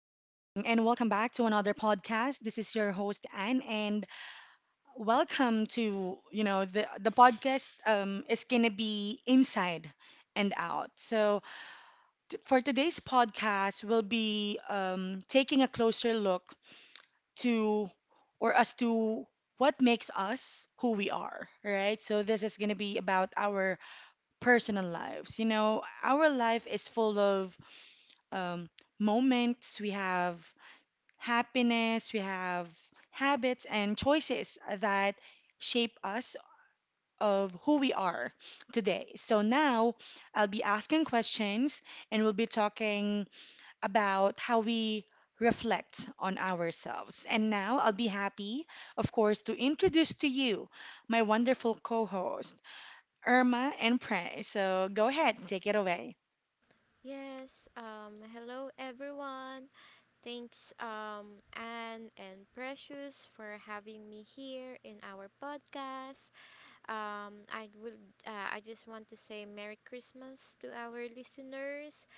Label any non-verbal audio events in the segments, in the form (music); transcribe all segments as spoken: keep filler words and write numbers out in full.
and welcome back to another podcast. This is your host Anne, and welcome to you know the the podcast, um, is gonna be inside and out. So t- for today's podcast, we'll be um, taking a closer look to or as to what makes us who we are, right? So this is gonna be about our personal lives. You know, our life is full of um, moments we have happiness, we have habits and choices that shape us of who we are today. So now I'll be asking questions and we'll be talking about how we reflect on ourselves. And now I'll be happy, of course, to introduce to you my wonderful co-host, Irma and Prey. So go ahead, take it away. Yes, um, hello everyone. Thanks, um, Anne and Precious for having me here in our podcast. Um, I would, uh, I just want to say Merry Christmas to our listeners.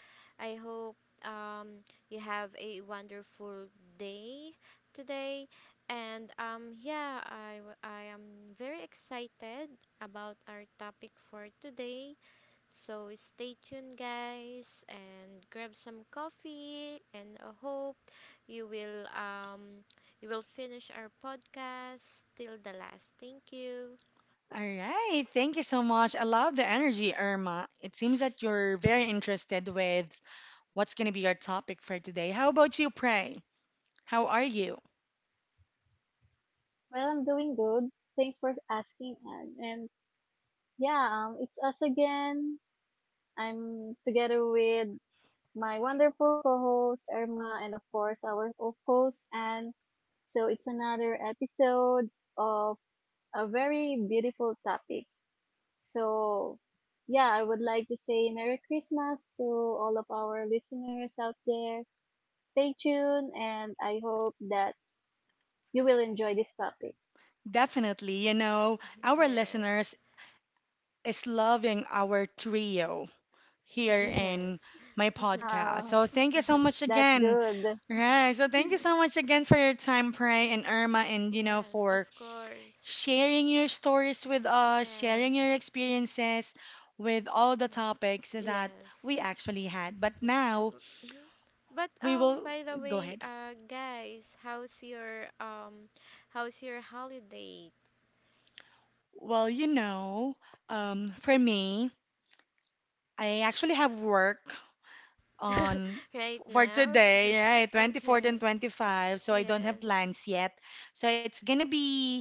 I hope um, you have a wonderful day today. And um, yeah, I, w- I am very excited about our topic for today. So stay tuned, guys, and grab some coffee. And I hope you will um you will finish our podcast till the last. Thank you. All right. Thank you so much. I love the energy, Irma. It seems that you're very interested with what's going to be your topic for today. How about you, Pray? How are you? Well, I'm doing good. Thanks for asking, Ag. And yeah, um, it's us again. I'm together with my wonderful co-host Irma, and of course our co-host Anne. So it's another episode of a very beautiful topic. So yeah, I would like to say Merry Christmas to all of our listeners out there. Stay tuned, and I hope that you will enjoy this topic. Definitely. You know, (laughs) our listeners Yes, is loving our trio (laughs) here in yes, my podcast. Uh, So thank you so much that's again. good. All right. that's So thank you so good. much again for your time, Pray and Irma, and you know, Yes, for of course. sharing your stories with us, sharing your Yes, experiences with all the topics that we yes. actually had. But now Mm-hmm. But we um, will by the go ahead. way, uh, guys, how's your um, how's your holiday? Well, you know, um, for me, I actually have work on (laughs) Right f- for now. today, right? (laughs) twenty-fourth and Okay. twenty-five, so I don't have Yes. plans yet. So it's gonna be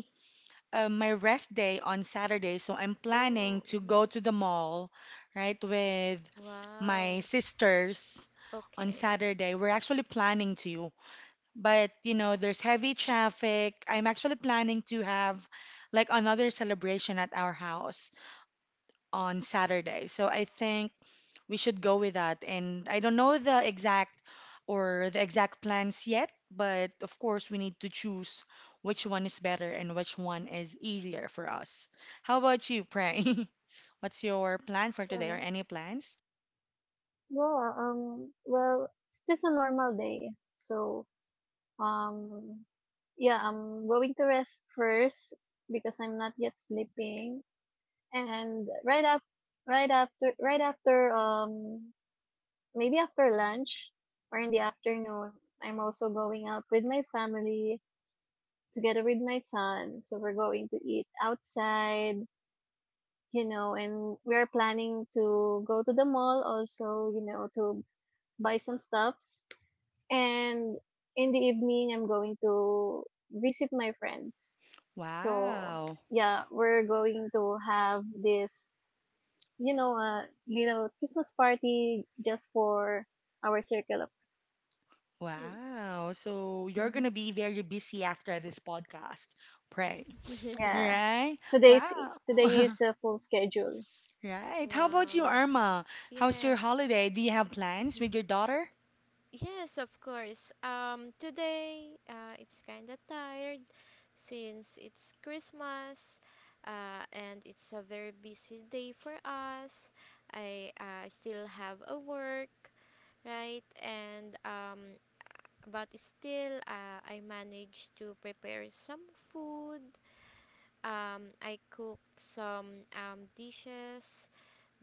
uh, my rest day on Saturday, so I'm planning Oh. to go to Mhm. the mall, right, with my Wow. sisters on Okay. Saturday. We're actually planning to, but you know, there's heavy traffic. I'm actually planning to have like another celebration at our house on Saturday. So I think we should go with that. And I don't know the exact or the exact plans yet, but of course we need to choose which one is better and which one is easier for us. How about you, Pray? (laughs) What's your plan for today or Mm. any plans? Well, uh, um, well, it's just a normal day. So, um, yeah, I'm going to rest first because I'm not yet sleeping. And right up, right after, right after, um, maybe after lunch or in the afternoon, I'm also going out with my family together with my son. So we're going to eat outside, you know, and we are planning to go to the mall also, you know, to buy some stuffs. And in the evening, I'm going to visit my friends. So, Wow. yeah, we're going to have this, you know, a little Christmas party just for our circle of friends. Mm. Wow. So you're Mhm. gonna be very busy after this podcast. Pray. (laughs) Yeah. Right? Today's Wow. today (laughs) is a full schedule. Right. How about you, Wow. Irma? How's your Yes. holiday? Do you have plans with your daughter? Yes, of course. Um today uh it's kind of tired since it's Christmas, uh and it's a very busy day for us. I uh, still have a work, right? And um But still, uh, I managed to prepare some food. Um, I cooked some um, dishes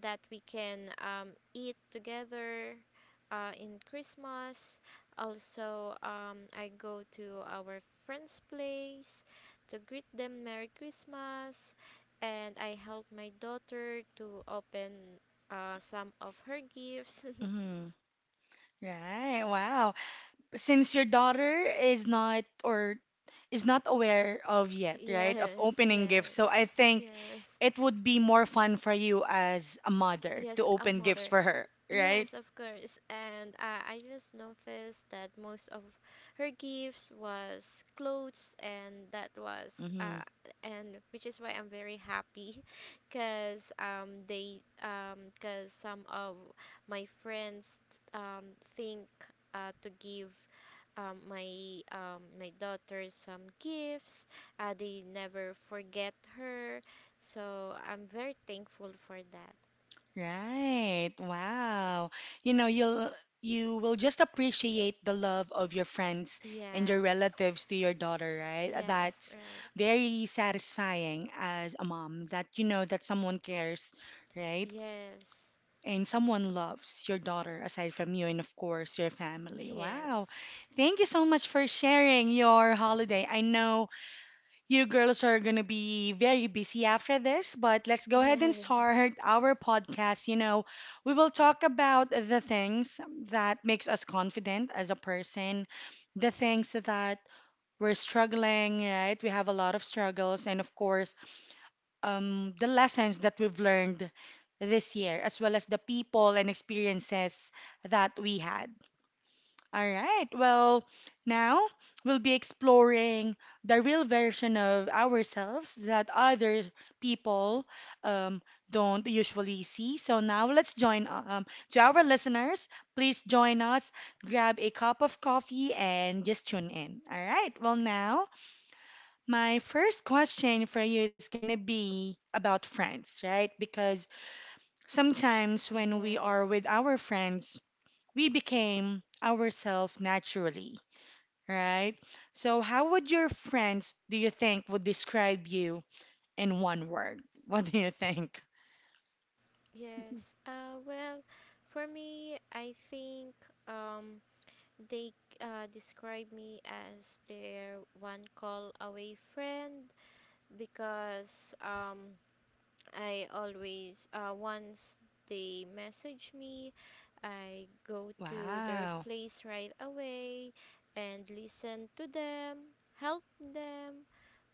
that we can um, eat together, uh, in Christmas. Also, um, I go to our friend's place to greet them Merry Christmas, and I help my daughter to open uh, some of her gifts. Mhm. Right. Wow. Since your daughter is not or is not aware of (laughs) yet, right, of yes, opening gifts. yes, So I think yes. it would be more fun for you as a mother to Yes, a open gifts mother. for her, right? Yes, of course. And uh, I just noticed that most of her gifts was clothes, and that was Mm-hmm. uh, and which is why I'm very happy, (laughs) cause um they um cause some of my friends um think uh to give Um, my um, my daughter some gifts. Uh, they never forget her, so I'm very thankful for that. Right. Wow. You know, you'll you will just appreciate the love of your friends and your Yes. relatives to your daughter, right? Yes, That's right. very satisfying as a mom that you know that someone cares, right? Yes. And someone loves your daughter aside from you, and of course, your family. Wow. Yes. Thank you so much for sharing your holiday. I know you girls are going to be very busy after this, but let's go ahead Yes. and (laughs) start our podcast. You know, we will talk about the things that makes us confident as a person, the things that we're struggling, right? We have a lot of struggles, and of course, um, the lessons that we've learned this year, as well as the people and experiences that we had. All right, well, now we'll be exploring the real version of ourselves that other people um, don't usually see. So now let's join um, to our listeners. Please join us, grab a cup of coffee, and just tune in. All right, well, now my first question for you is going to be about friends, right? Because sometimes when we are with Yes. our friends, we became ourselves naturally, right? So, how would your friends, do you think, would describe you in one word? (laughs) What do you think? Mm-hmm. Yes. Uh well, for me, I think um they uh describe me as their one call away friend because um I always, uh, once they message me, I go to their Wow. place right away and listen to them, help them,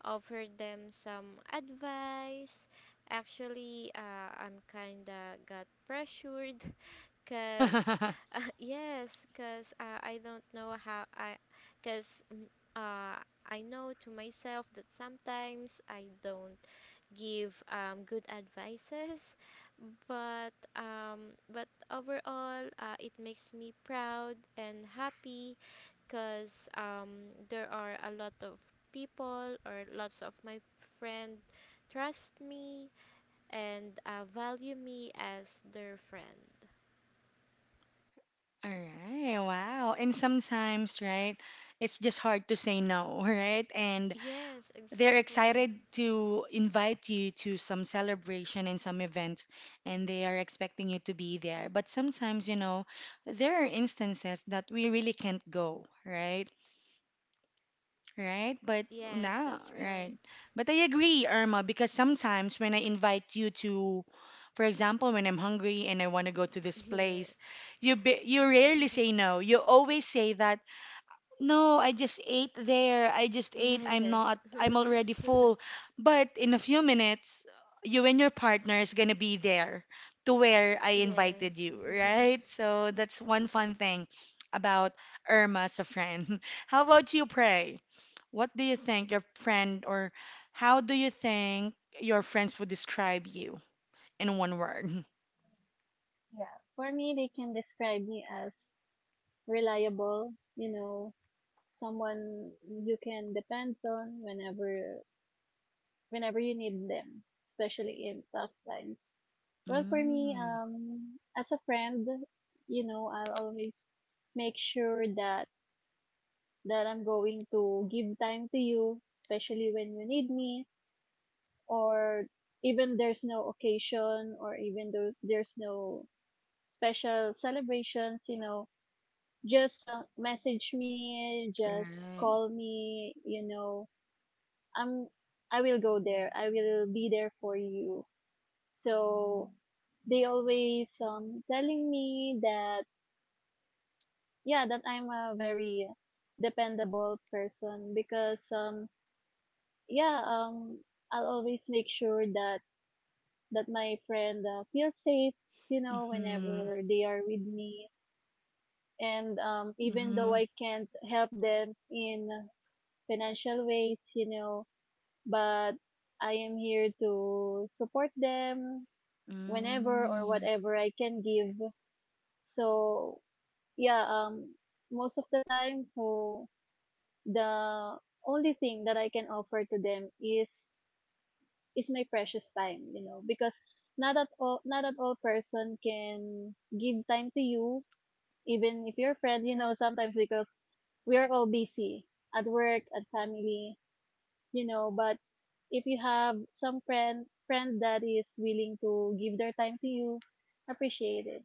offer them some advice. Actually, uh, I'm kinda got pressured (laughs) cuz (laughs) All uh, (laughs) yes, cuz uh, I don't know how I cuz uh, I know to myself that sometimes I don't give um, good advices, but um, but overall, uh, it makes me proud and happy because um, there are a lot of people, or lots of my friend trust me and uh, value me as their friend. right, wow. And sometimes, right, it's just hard to say no, (laughs) right? And Yes, they're exactly. excited to invite you to some celebration and some event, and they are expecting you to be there. But sometimes, you know, there are instances that we really can't go, right? Right? But Yes, now, that's right. right. But I agree, Irma, because sometimes when I invite you to, for example, when I'm hungry and I want to go to this (laughs) place, you be, you rarely say no. You always say that no, I just ate there. I just ate. I'm not, Yes. (laughs) I'm already Yes. (laughs) full. But in a few minutes, you and your partner is gonna be there to where I invited Yes. you, (laughs) right? So that's one fun thing about Irma as a friend. (laughs) How about you, Pray? What do you think your friend, or how do you think your friends would describe you in one word? (laughs) Yeah, for me, they can describe me as reliable, you know, someone you can depend on whenever whenever you need them, especially in tough times. Well, for me, Mm, um, as a friend, you know, I'll always make sure that that I'm going to give time to you, especially when you need me, or even there's no occasion, or even though there's no special celebrations, you know, just uh, message me, just right. call me you know i'm I will go there, I will be there for you. So they always um telling me that, yeah, that I'm a very dependable person, because um yeah um I'll always make sure that that my friend uh, feels safe, you know Mm-hmm. whenever they are with me. And um even though Mm-hmm. I can't help them in financial ways, you know, but I am here to support them whenever or Mm-hmm. whatever I can give. So, yeah, um, most of the time, so the only thing that I can offer to them is is my precious time, you know, because not at all not at all person can give time to you, even if you're a friend, you know, sometimes, because we are all busy at work, at family. You know but if you have some friend friend that is willing to give their time to you, appreciate it.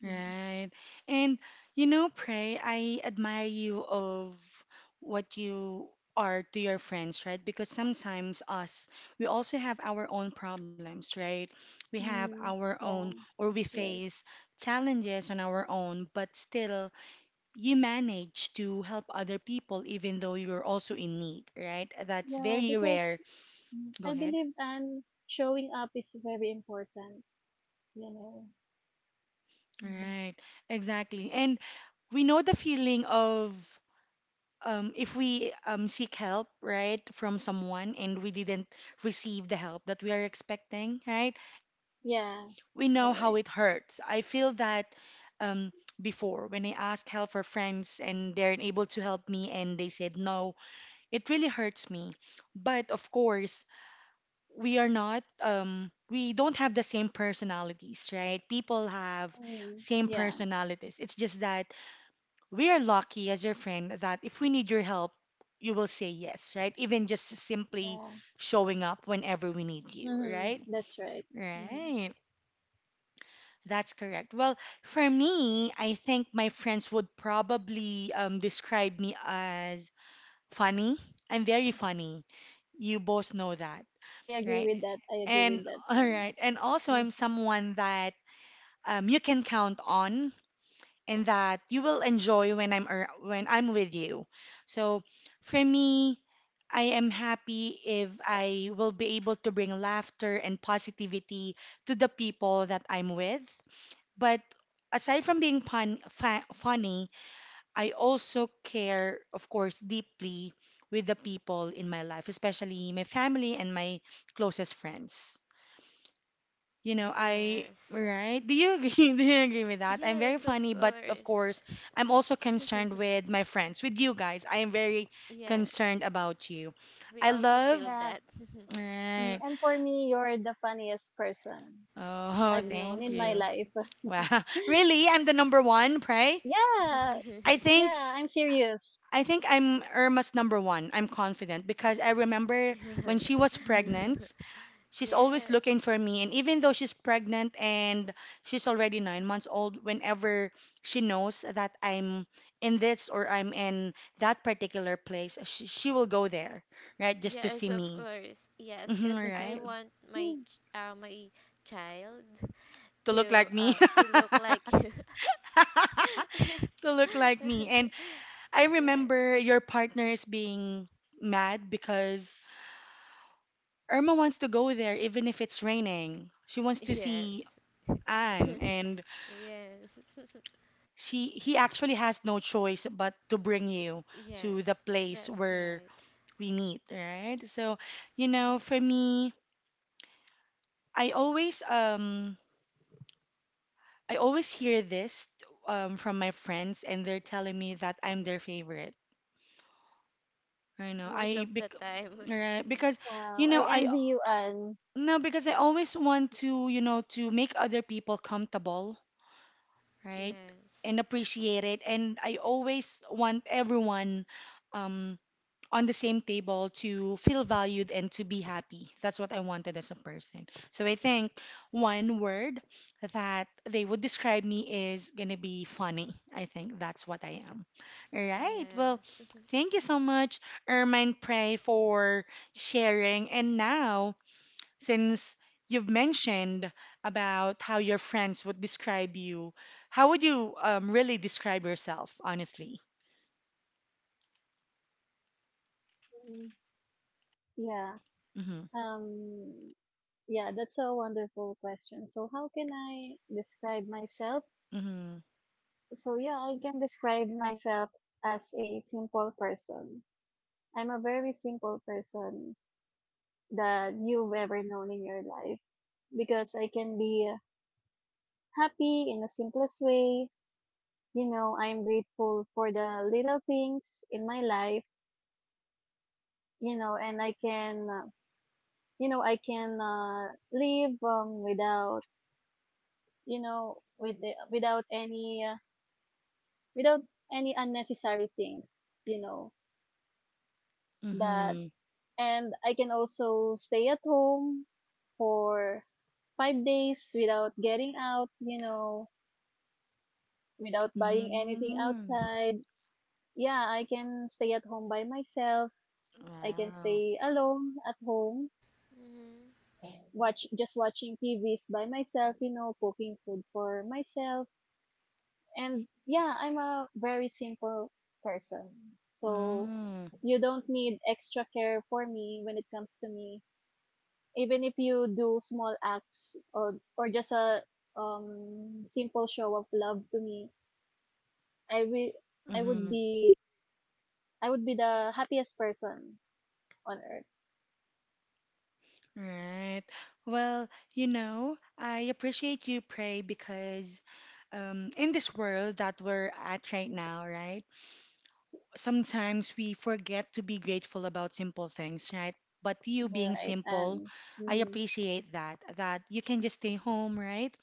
Mhm. Right. And you know, Pray, I admire you of what you are to your friends, right? Because sometimes us, we also have our own problems, right? We have Mm, our own, yeah, or we that's right. face challenges on our own, but still you manage to help other people even though you're also in need, right? That's Yeah, very because rare. mm, Go I ahead. believe and showing up is very important, you know Mhm. Right. Exactly. And we know the feeling of um, if we um, seek help, right, from someone and we didn't receive the help that we are expecting, right, Yeah, we know you're how right. it hurts. I feel that um, before when I asked help for friends and they're unable to help me and they said no, it really hurts me. But of course, we are not, um, we don't have the same personalities, right? People have Mm, same yeah, personalities. It's just that we are lucky as your friend that if we need your help, you will say yes, right? Even just simply yeah. showing up whenever we need you, Mm, right? that's right. Mm. Right. That's correct. Well, for me, I think my friends would probably um, describe me as funny. I'm very funny. You both know that, I agree right? with that, i agree And with that (laughs) all and right. And also, mm, I'm someone that um, you can count on and that you will enjoy when I'm ar- when I'm with you. So for me, I am happy if I will be able to bring laughter and positivity to the people that I'm with. But aside from being pun- fa- funny, I also care, of course, deeply with the people in my life, especially my family and my closest friends. You know, I, Yes. that's good. right? Do you agree? (laughs) Do you agree with that? I'm very Yes, of funny, but of course, course. I'm also concerned (laughs) with my friends, with you guys. I am very concerned Yes. about you. We I also love, feel Yeah. that. (laughs) Mm, right? and for me, you're the funniest person Oh, I've (laughs) known Yes. thank in my (laughs) you. life. (laughs) Wow. (laughs) Really? I'm the number one, Pray? Y- Yeah, I think (laughs) yeah, I'm serious. I think I'm Irma's number one. I'm confident because I remember when she Yeah. was Mhm. pregnant. (laughs) She's always Yes. looking for me. And even though she's pregnant and she's already nine months old, whenever she knows that I'm in this or I'm in that particular place, she, she will go there, right? Just to Yes, see of me. course. Yes, hmm cuz I Right? (laughs) want my ch- uh, my child To look to like me. uh to look like you. (laughs) to (laughs) look like me. And I Yes. remember your partner is being mad because Irma wants to go there even if it's raining. She wants to see Yes. Anne. (laughs) And Yes. (laughs) she he actually has no choice but to bring you to the Yes. place That's where right. we meet, right? So, you know, Yes. for me, I always um I always hear this um from my friends and they're telling me that I'm their favorite. I (laughs) know. Most of I the bec- time. (laughs) Right, Yeah. because Wow, you I know, I envy you, Anne. no because I always want to, you know, to make other people comfortable, right? Yes. And appreciate it and I always want everyone um on the same table to feel valued and to be happy. That's what I wanted as a person. So I think one word that they would describe me is going to be funny. I think that's what I am. All right. Well, Yes. (laughs) thank you so much, Ermine Prey, for sharing. And now, since you've mentioned about how your friends would describe you, how would you um, really describe yourself, honestly? Mhm. Yeah, Mm-hmm. um, yeah, that's a wonderful question. So, how can I describe myself? Mm-hmm. So, yeah, I can describe myself as a simple person. I'm a very simple person that you've ever known in your life, because I can be happy in the simplest way. you know, I'm grateful for the little things in my life, you know, and I can, uh, you know, I can uh, live um, without, you know, with the, without any, uh, without any unnecessary things, you know, that, Mm-hmm. and I can also stay at home for five days without getting out, you know, without buying anything Mm. outside. Yeah, I can stay at home by myself. I can Wow. stay alone at home Hmm. watch just watching T Vs by myself, you know, cooking food for myself. And yeah, I'm a very simple person. So Mm, you don't need extra care for me when it comes to me. Even if you do small acts or or just a um simple show of love to me, I will I would mm-hmm. be I would be the happiest person on earth. Right. Well, you know, I appreciate you, Pray, because um, in this world that we're at right now, right, sometimes we forget to be grateful about simple things, right? But you You're being right. simple, And I hmm appreciate that, that you can just stay home, right?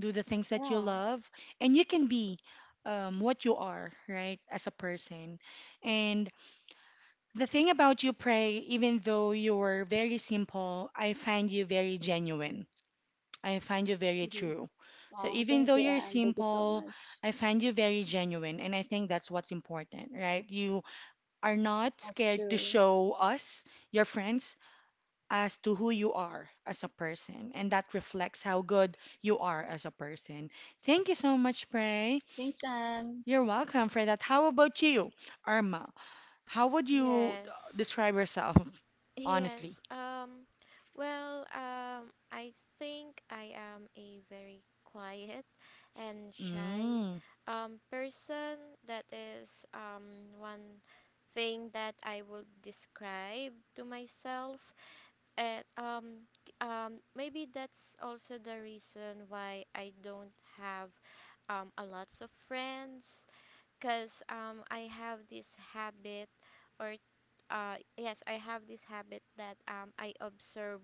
Do the things that you yeah. love, and you can be um, what you are, right, as a person. And the thing about you, Pray, even though you're very simple, I find you very genuine. I find you very Hmm. true. So Wow. even Thank though you, you're Anne. Thank you so simple, much. I find you very genuine. And I think that's what's important, right? You are not That's scared to true. show us, your friends, as to who you are as a person. And that reflects how good you are as a person. Thank you so much, Pray. Thanks, Anne. You're welcome for that. How about you, Irma? How would you uh, Yes. describe yourself, Yes. honestly? Um well, um I think I am a very quiet and shy Mm, um person. That is um one thing that I would describe to myself. And um k- um maybe that's also the reason why I don't have um a lots of friends, because um I have this habit or uh yes, I have this habit that um I observe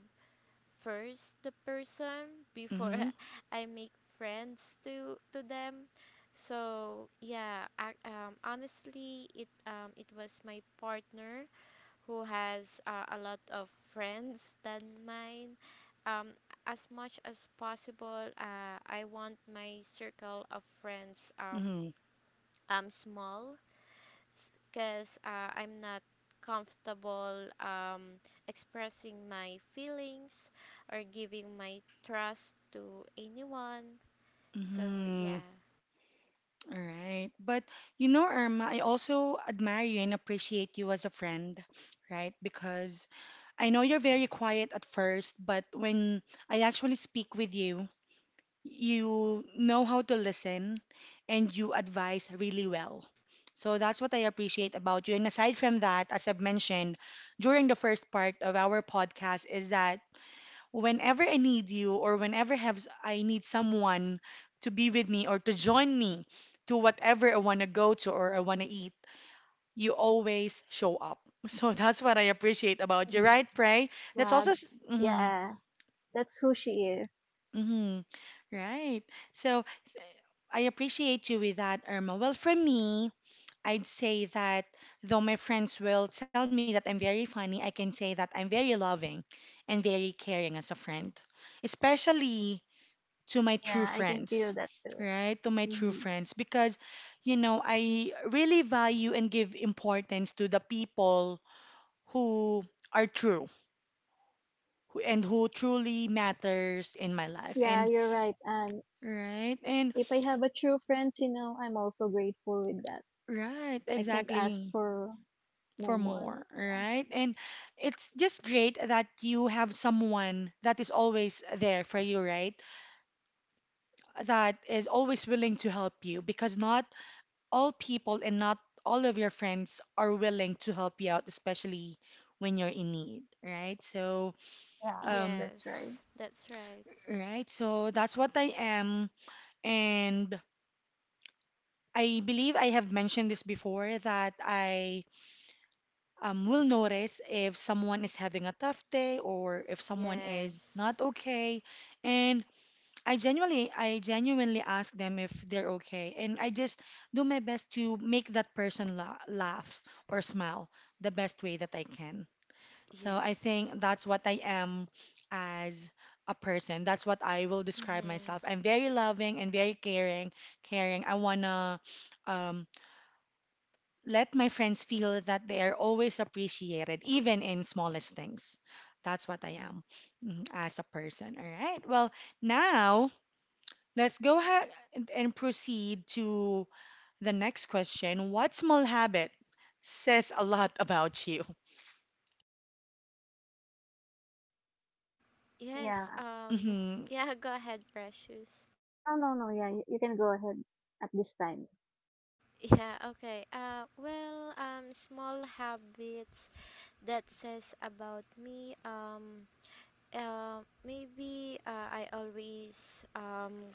first the person before mm-hmm, (laughs) I make friends to to them. So yeah, I, um honestly it um it was my partner who has, uh, a lot of friends than mine. Um, as much as possible, uh, I want my circle of friends um, mm-hmm, um small, because uh, I'm not comfortable um, expressing my feelings or giving my trust to anyone. So mm-hmm. yeah, All right. But you know, Irma, I also admire you and appreciate you as a friend, right? Because I know you're very quiet at first, but when I actually speak with you, you know how to listen and you advise really well. So that's what I appreciate about you. And aside from that, as I've mentioned during the first part of our podcast, is that whenever I need you or whenever have I need someone to be with me or to join me to whatever I want to go to or I want to eat, you always show up. (laughs) So that's what I appreciate about you, Mhm. right, Pray? That's Yeah, also mm-hmm, yeah, that's who she is. hmm right. So I appreciate you with that, Irma. Well, for me, I'd say that though my friends will tell me that I'm very funny, I can say that I'm very loving and very caring as a friend, especially to my true Yeah, I can feel friends, that too. right? To my true Hmm. friends because, you know, I really value and give importance to the people who are true who- and who truly matters in my life. Yeah, And you're right. And right, and if I have a true friends, you know, I'm also grateful with that. right, I can't ask exactly. for no For more. more, Yeah, right? And it's just great that you have someone that is always there for you, right? That is always willing to help you because not all people and not all of your friends are willing to help you out, especially when you're in need, right? So, yeah, um, that's right. yes, that's right. right. So that's what I am. And I believe I have mentioned this before that I um, will notice if someone is having a tough day or if someone is not Yes, okay. And I genuinely I genuinely ask them if they're okay and I just do my best to make that person la- laugh or smile the best way that I can. So I yes. think that's what I am as a person. That's what I will describe Mm-hmm. myself. I'm very loving and very caring, caring. I want to um, let my friends feel that they are always appreciated even in smallest things. That's what I am mm, as a person. All right. Well, now let's go ahead and and proceed to the next question. What small habit says a lot about you? (laughs) Yeah. Yes. Um. (laughs) Mm-hmm. Yeah. Go ahead, Precious. No, no, no. Yeah, you, you can go ahead at this time. Yeah. Okay. Uh. Well. Um. Small habits that says about me. Um. Uh, maybe, uh, I always um,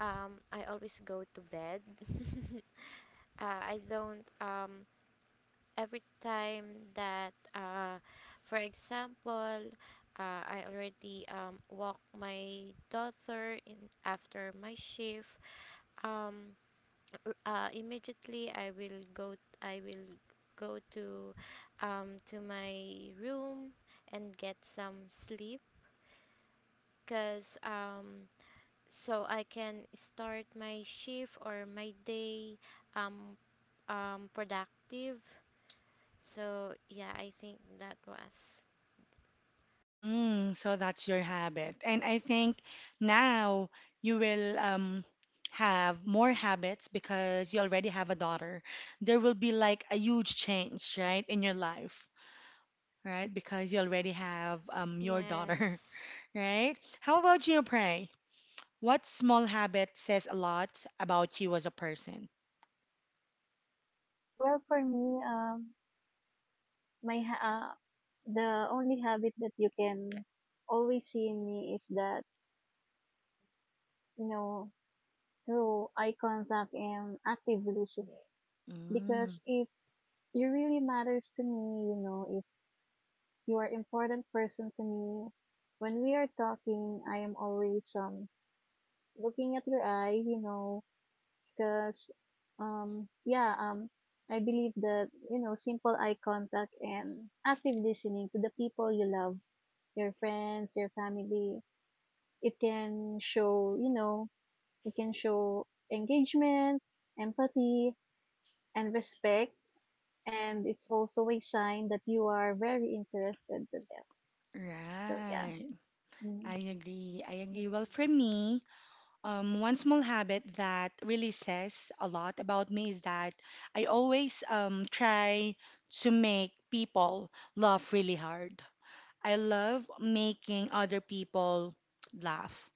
um, I always go to bed. (laughs) uh, I don't um, Every time that, uh, for example, uh, I already um, walk my daughter in after my shift. Um, r- uh, Immediately I will go I will go to, um, to my room and get some sleep, because um, so I can start my shift or my day um, um, productive. So yeah, I think that was Mm, so that's your habit. And I think now you will um, have more habits because you already have a daughter. There will be like a huge change, right, in your life, right? Because you already have um, your daughter, yes (laughs) right? How about you, Pray? What small habit says a lot about you as a person? Well, for me, um, my ha- uh, the only habit that you can always see in me is that you know through eye contact and active listening. Mm, Because if you really matters to me, you know, if you are important person to me, when we are talking, I am always um looking at your eye, you know, because um yeah um I believe that you know simple eye contact and active listening to the people you love, your friends, your family, it can show, you know it can show engagement, empathy, and respect, and it's also a sign that you are very interested to them. So, yeah. right. Mm. I agree. I agree. That's Well, it. for me, um, one small habit that really says a lot about me is that I always um, try to make people laugh really hard. I love making other people laugh,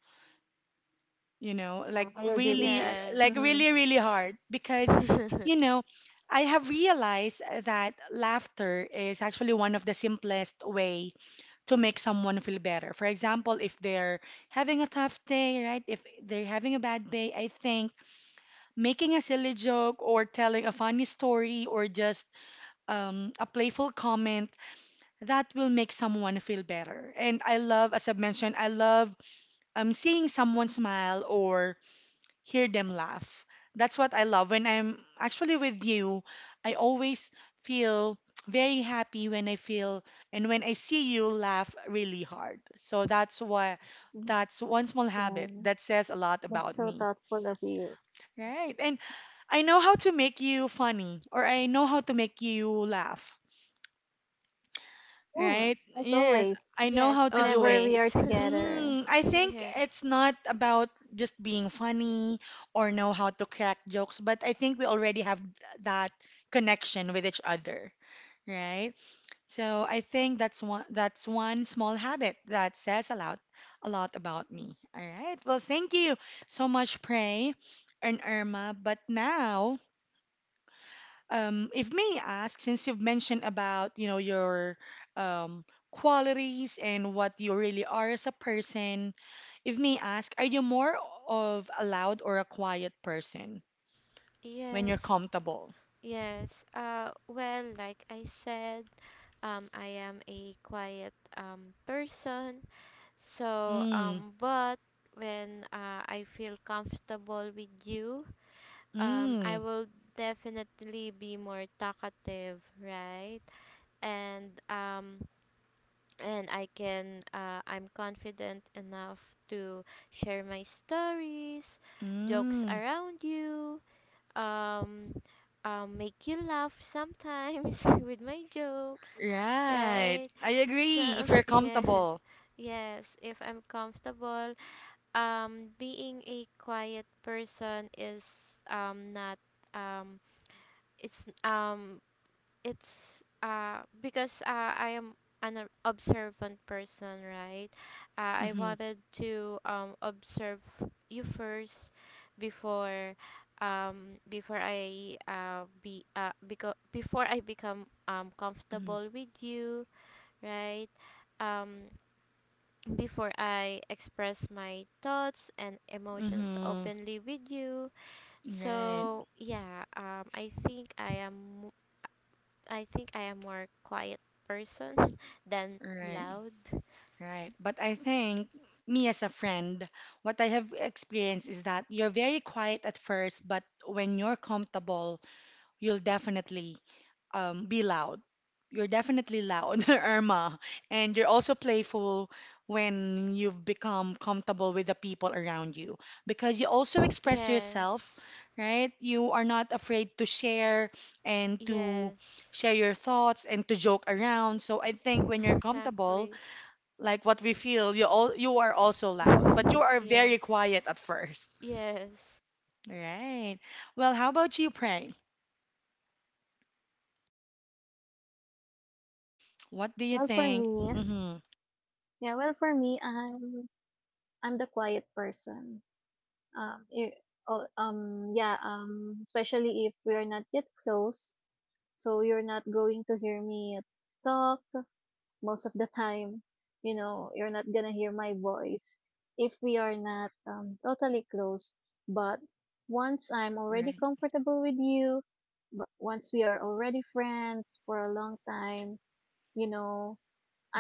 you know, Uh, like I agree with really, that. like yes. hmm really, really hard because, you know, I have realized that laughter is actually one of the simplest way to make someone feel better. For example, if they're having a tough day, right? If they're having a bad day, I think making a silly joke or telling a funny story or just um, a playful comment that will make someone feel better. And I love, as I mentioned, I love um, seeing someone smile or hear them laugh. That's what I love. When I'm actually with you, I always feel very happy when I feel and when I see you laugh really hard. So that's why that's one small yeah, habit that says a lot that's about so me. thoughtful of you. Right. And I know how to make you funny, or I know how to make you laugh. Yeah, Right? as Yes, always (laughs) I know Yes, how to do whenever it. we are always. together. Hmm, I (laughs) think Yes, it's not about just being funny or know how to crack jokes, but I think we already have th- that connection with each other, right? So I think that's one that's one small habit that says a lot a lot about me. All right. Well, thank you so much, Pray and Irma. But now um, if may I ask, since you've mentioned about, you know, your um, qualities and what you really are as a person, if may I ask, are you more of a loud or a quiet person when you're yes, comfortable? yes. Uh well, like I said, Um, I am a quiet um, person. So, Mm, um, but when, uh, I feel comfortable with you, um, mm, I will definitely be more talkative, right? And um, and I can, uh, I'm confident enough to share my stories, jokes mm. around you, um, um, make you laugh sometimes (laughs) with my jokes, Right. right? I agree. If you're So (laughs) yes, comfortable. yes. If I'm comfortable, um, being a quiet person is um not um it's um it's uh because, uh, I am an ob- observant person, right? Uh, I Mm-hmm, wanted to um observe you first before um before I uh be uh because before I become um mm-hmm, comfortable with you, right? Um Before I express my thoughts and emotions mm-hmm. openly with you. Right, So yeah, um I think I am I think I am more quiet person (laughs) than right. loud. Right. But I think me as a friend, what I have experienced is that you're very quiet at first, but when you're comfortable, you'll definitely um, be loud. You're definitely loud, (laughs) Irma, and you're also playful when you've become comfortable with the people around you because you also express yourself, Yes. right? You are not afraid to share and to Yes. share your thoughts and to joke around. So I think when (laughs) you're comfortable, Exactly. like what we feel, you all you are also loud, but you (laughs) are very Yes. quiet at first. Yes. Right. Well, how about you, Pray? What do you well for think? me Mm-hmm. yeah well for me i'm i'm the quiet person. um i- al- um yeah um Especially if we are not yet close, so you're not going to hear me talk most of the time. You know, you're not gonna hear my voice if we are not um, totally close. But once I'm already Right. comfortable with you, but once we are already friends for a long time, you know,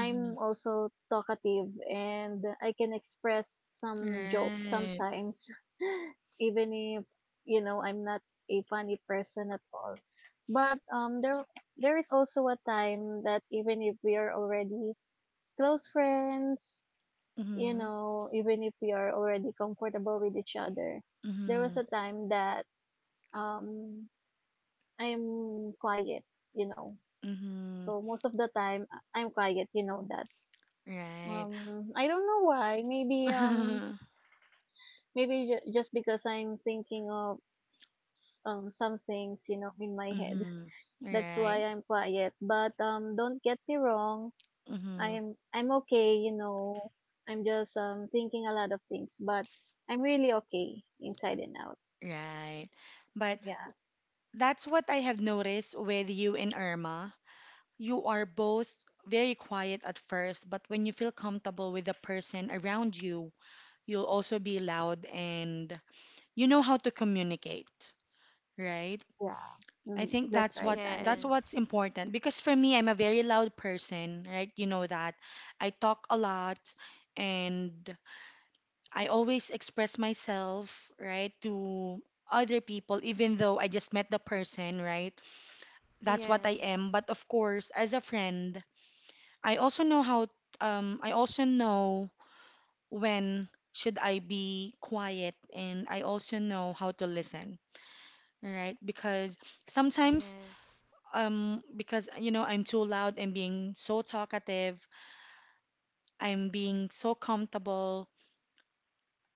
Mm-hmm. also talkative, and I can express some jokes Right. sometimes, (laughs) even if, you know, I'm not a funny person at all. But um, there there is also a time that even if we are already close friends, you Mm-hmm. know, even if we are already comfortable with each other, there Mm-hmm. was a time that um I'm quiet, you know. Mm-hmm. So most of the time I- I'm quiet, you know that. Right. Um I don't know why, maybe um (laughs) maybe ju- just because I'm thinking of um some things, you know, in my head. Mm-hmm. That's Right. why I'm quiet. But um don't get me wrong, Mm-hmm. I'm I'm okay, you know. I'm just um thinking a lot of things, but I'm really okay inside and out. Right. But Yeah. that's what I have noticed with you and Irma. You are both very quiet at first, but when you feel comfortable with the person around you, you'll also be loud and you know how to communicate, right? Yeah. I Mm, think that's that's right. what that's And what's Yes. important because for me, I'm a very loud person, right? You know that. I talk a lot and I always express myself, right, to other people even though I just met the person, right? That's what I am, Yes. but of course, as a friend, I also know how um I also know when should I be quiet and I also know how to listen, right? Because sometimes Yes. um because you know I'm too loud and being so talkative, I'm being so comfortable.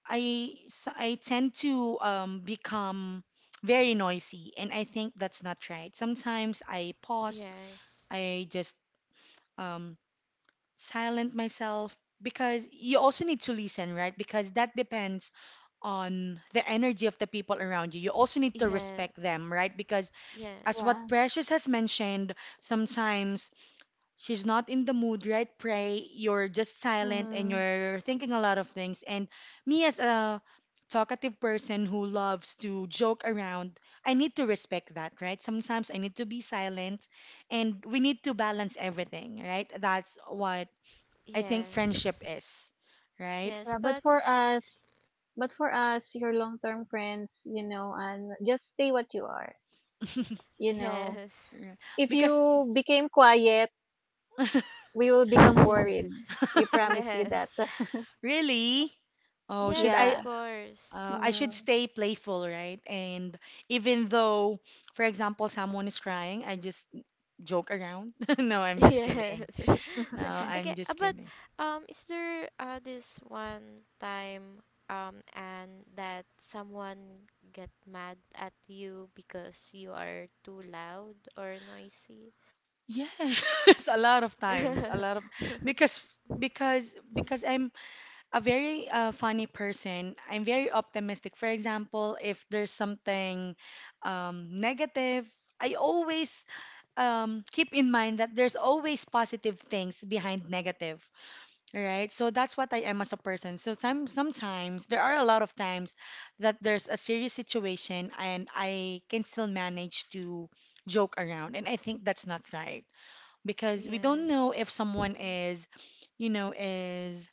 I s- I tend to um become very noisy and I think that's not right. Sometimes I pause, Yes. I just um silent myself because you also need to listen, right? Because that depends on the energy of the people around you. You also need to respect them, Yes. right? Because as Yes. yeah. what Precious has mentioned, sometimes she's not in the mood, right? Pray, you're just silent and hmm you're thinking a lot of things. And me as a talkative person who loves to joke around, I need to respect that, right? Sometimes I need to be silent and we need to balance everything, right? That's what I think friendship Yes. is, right? Yes, Yeah, but but for us, but for us, your long-term friends, you know, and just stay what you are. (laughs) You know, yes. Right. if Because you became quiet, we will become worried. (laughs) We (laughs) promise you that. Yes. really, oh, (laughs) should Yes, I of Yeah. course. uh, I should Mm, stay playful, right? And even though, for example, someone is crying, I just joke around. (laughs) No, I'm just kidding. Yes. No, (laughs) Okay, I'm uh, just but kidding. um, is there, uh, this one time um and that someone get mad at you because you are too loud or noisy? Yes, (laughs) a lot of times, a lot of (laughs) because because because I'm a very uh, funny person. I'm very optimistic. For example, if there's something um, negative, I always um, keep in mind that there's always positive things behind negative, right? So that's what I am as a person. So some, sometimes there are a lot of times that there's a serious situation and I can still manage to joke around. And I think that's not right because we don't Yes. know if someone Mm-mm. is, you know, is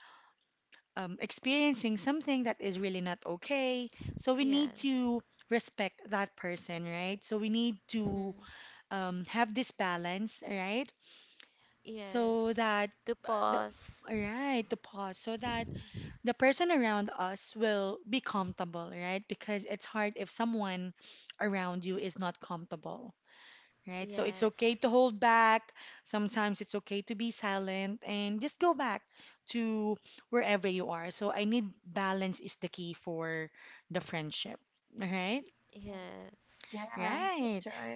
um, experiencing something that is really not okay. So we need Yes. to respect that person, right? So we need to Mm. um, have this balance, right? So Yes. that To uh, the pause. all right, the pause so that Mm. the person around us will be comfortable, right? Because it's hard if someone around you is not comfortable right? So it's okay Yes. to hold back. Sometimes it's okay to be silent and just go back to wherever you are. So I need balance is the key for the friendship. All right. Yes. yeah, that's Right. right.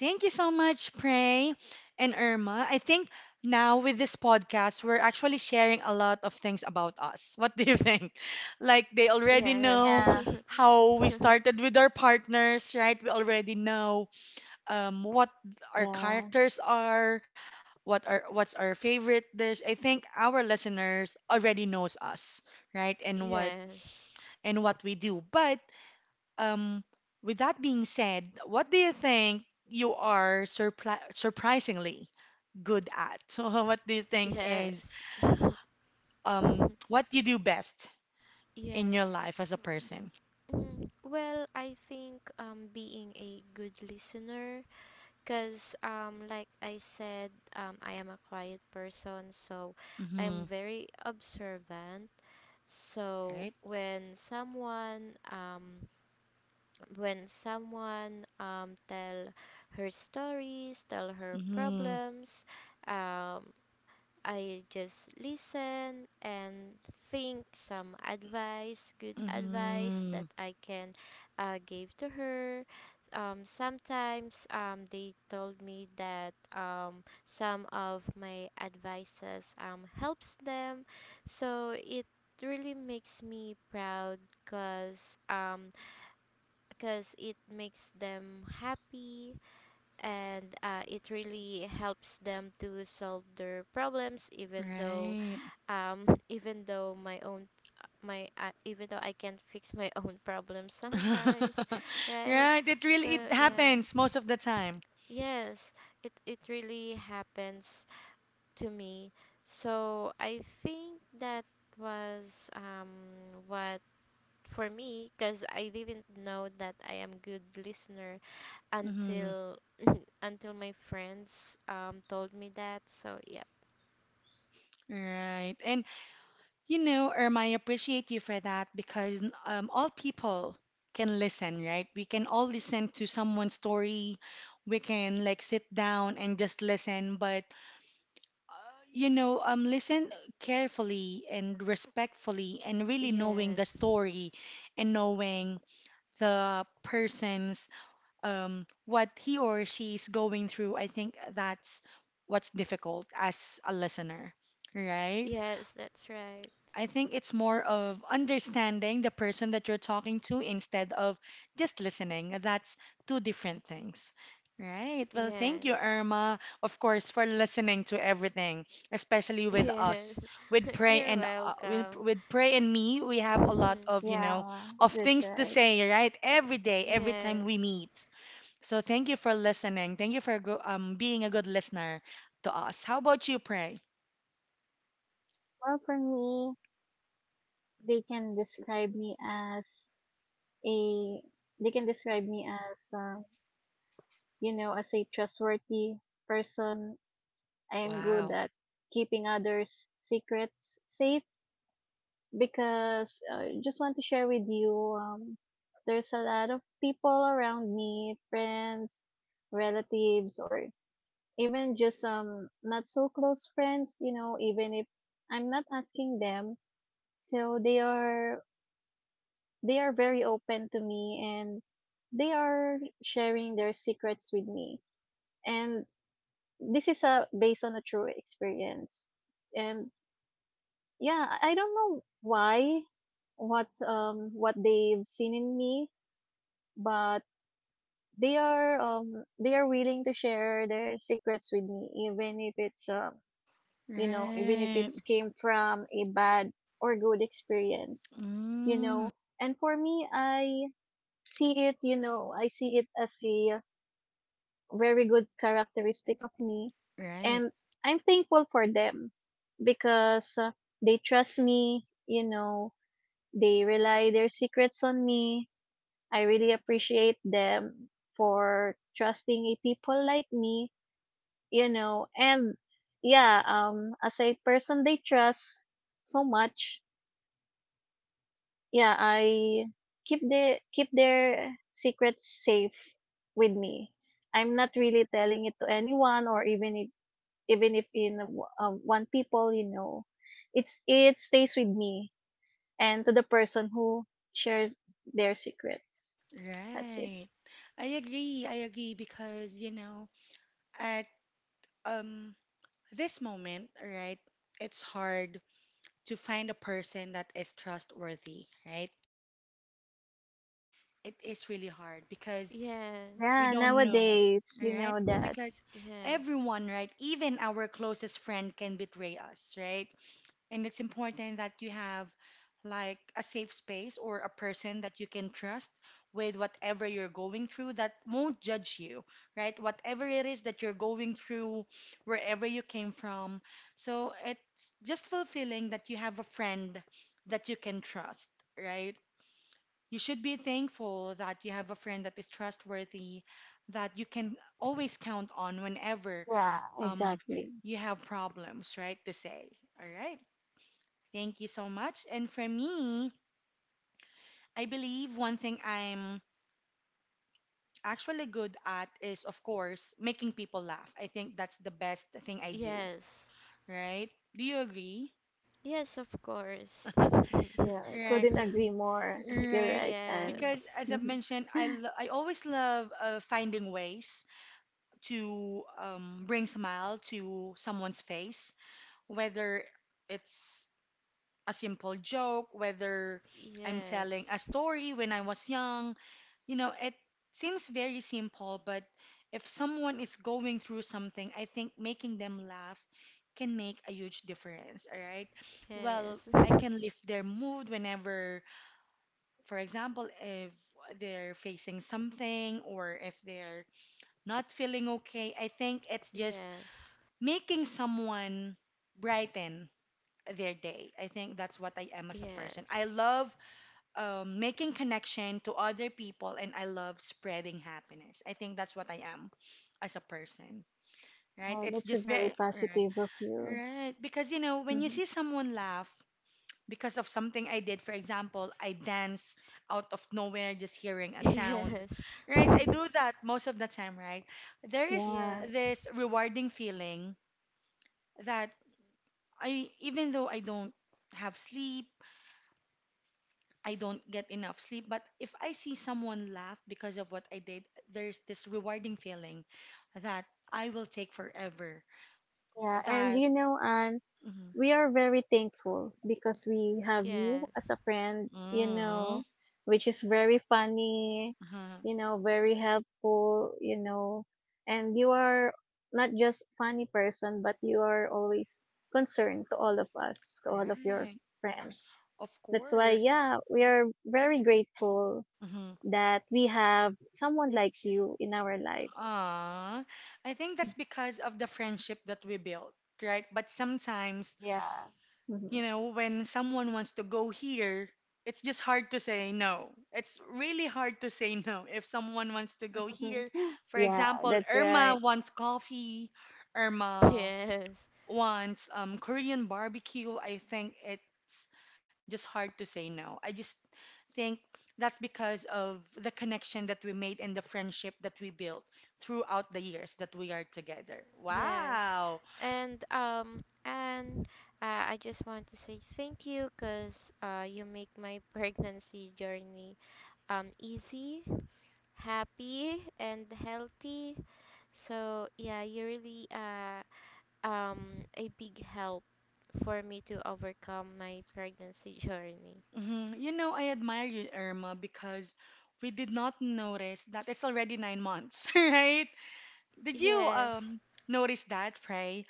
Thank you so much, Prey and Irma. I think now with this podcast, we're actually sharing a lot of things about us. What do you think? (laughs) Like they already Yes. know Yeah. (laughs) how we started with our partners, right? We already know um, what our Yeah, characters are, what our what's our favorite dish. I think our listeners already knows us, right? And what Yes. and what we do. But um, with that being said, what do you think you are surpri surprisingly good at? (laughs) So what do you think is Yes. (laughs) um what you do best in your Yes. life as a person? Mm, well, I think um being a good listener, cuz um like I said, um I am a quiet person, so I Mm-hmm. am very observant. So Right? when someone, um when someone um tell her stories, tell her Mm-hmm. problems, um I just listen and think some advice, good advice Mm-hmm. that I can, uh, give to her. Um, sometimes um, they told me that, um, some of my advices, um, helps them, so it really makes me proud because, um, cause it makes them happy, and uh, it really helps them to solve their problems, even though Right. um even though my own my uh, even though I can't fix my (laughs) own problems sometimes, (laughs) (laughs) right? Right, it really So it yeah, happens most of the time. yes, it it really happens to me. So I think that was um what for me, because I didn't know that I am good listener Hmm. until (laughs) until my friends um told me that. So yeah, Right. And you know, Irma, I appreciate you for that because um, all people can listen, right? We can all listen to someone's story. We can like sit down and just listen, but uh, you know, um, listen carefully and respectfully, and really knowing the yes, story and knowing the person's um, what he or she is going through, I think that's what's difficult as a listener, right? yes, that's right. I think it's more of understanding the person that you're talking to instead of just listening. That's two different things. Right. Well, thank you, Yes, Irma, of course, for listening to everything, especially with yes. us, with (laughs) Pray You're and uh, with, welcome. with Pray and me. We have a lot of, (laughs) you know, Yeah, of that's things to right. say, right? Every day, every time we Yes, meet. So thank you for listening. Thank you for go- um being a good listener to us. How about you, Pray? Well, for me, they can describe me as a they can describe me as uh, you know as a trustworthy person. I am good Wow. at keeping others' secrets safe, because I just want to share with you. Um, there's a lot of people around me, friends, relatives, or even just um not so close friends. You know, even if I'm not asking them, so they are they are very open to me, and they are sharing their secrets with me. And this is a based on a true experience. And yeah i I don't know why, what um what they've seen in me. But they are um they are willing to share their secrets with me, even if it's um you know even if Right. it's came from a bad or good experience. you Mm, know and for me, i see it, you know, I see it as a very good characteristic of me. right. And I'm thankful for them, because uh, they trust me, you know, they rely their secrets on me. I really appreciate them for trusting a people like me, you know, and yeah, um, as a person they trust so much. Yeah, I keep the keep their secrets safe with me. I'm not really telling it to anyone or even if even if in w- uh, one people, you know. It's it stays with me and to the person who shares their secrets. That's it. Right. I agree. I agree because, you know, at um this moment, right, it's hard to find a person that is trustworthy, right? It is really hard because we yes, Yeah, don't know, nowadays, you right? know that. Because yes, everyone, right, even our closest friend can betray us, right? And it's important that you have like a safe space or a person that you can trust with whatever you're going through that won't judge you, right? Whatever it is that you're going through, wherever you came from. So it's just fulfilling that you have a friend that you can trust, right? You should be thankful that you have a friend that is trustworthy, that you can always count on whenever um, Exactly. you have problems, right? To say, all right. Thank you so much. And for me, I believe one thing I'm actually good at is, of course, making people laugh. I think that's the best thing I do, yes, right? Do you agree? yes, of course. Yeah, (laughs) Right, couldn't agree more. Yes, You're right. right, and Because yes, as I've (laughs) mentioned, I, lo- I always love uh, finding ways to um, bring smile to someone's face, whether it's a simple joke, whether I'm telling a yes, story when I was young. You know, it seems very simple, but if someone is going through something, I think making them laugh can make a huge difference, all right? (laughs) Well, I can lift their mood whenever, for example, if they're facing something or if they're not feeling okay. I think it's just yes, making someone brighten their day. I think that's what I am as a person. I yes, love um, making connection to other people and I love spreading happiness. I think that's what I am as a person, right? oh, It's that's a just very, very right, positive of you. right. Because, you know, when you see (laughs) someone laugh because of something I did, for example, I dance out of nowhere just hearing (laughs) a sound, yes, right? I (laughs) do that most of the time, right? There is Yeah, yes, this rewarding feeling that I, even though I don't have sleep, I don't get enough sleep. But if I see someone laugh because of what I did, there's this rewarding feeling that I will take forever. yeah, and That. you know, Anne, Mhm. we are very thankful because we have you as yes, a friend, you know, Mm. which is very funny, Uh-huh, you know, very helpful, you know, and you are not just funny person, but you are always concerned to all of us, to all of your right, friends. of That's why, course. yeah, we are very grateful Mm-hmm. that we have someone like you in our life. I think that's because of the friendship that we built, right? But sometimes Yeah. you (laughs) know, when someone wants to go here, it's just hard to say no. It's really hard to say no if someone wants to go here. (laughs) For Yeah, example, that's Irma right. wants coffee, Irma yes. (laughs) wants um, Korean barbecue. I think it's just hard to say no. I just think that's because of the connection that we made and the friendship that we built throughout the years that we are together. Yes, Wow. and um, and uh, I just want to say thank you because, uh, you make my (laughs) pregnancy journey um easy, happy, and healthy. So yeah, you really uh um a big help for me to overcome my pregnancy (laughs) journey. hmm You know, I admire you, Irma, because we did not notice that it's already nine months, (laughs) right? Did you Yes, um notice that, Frey?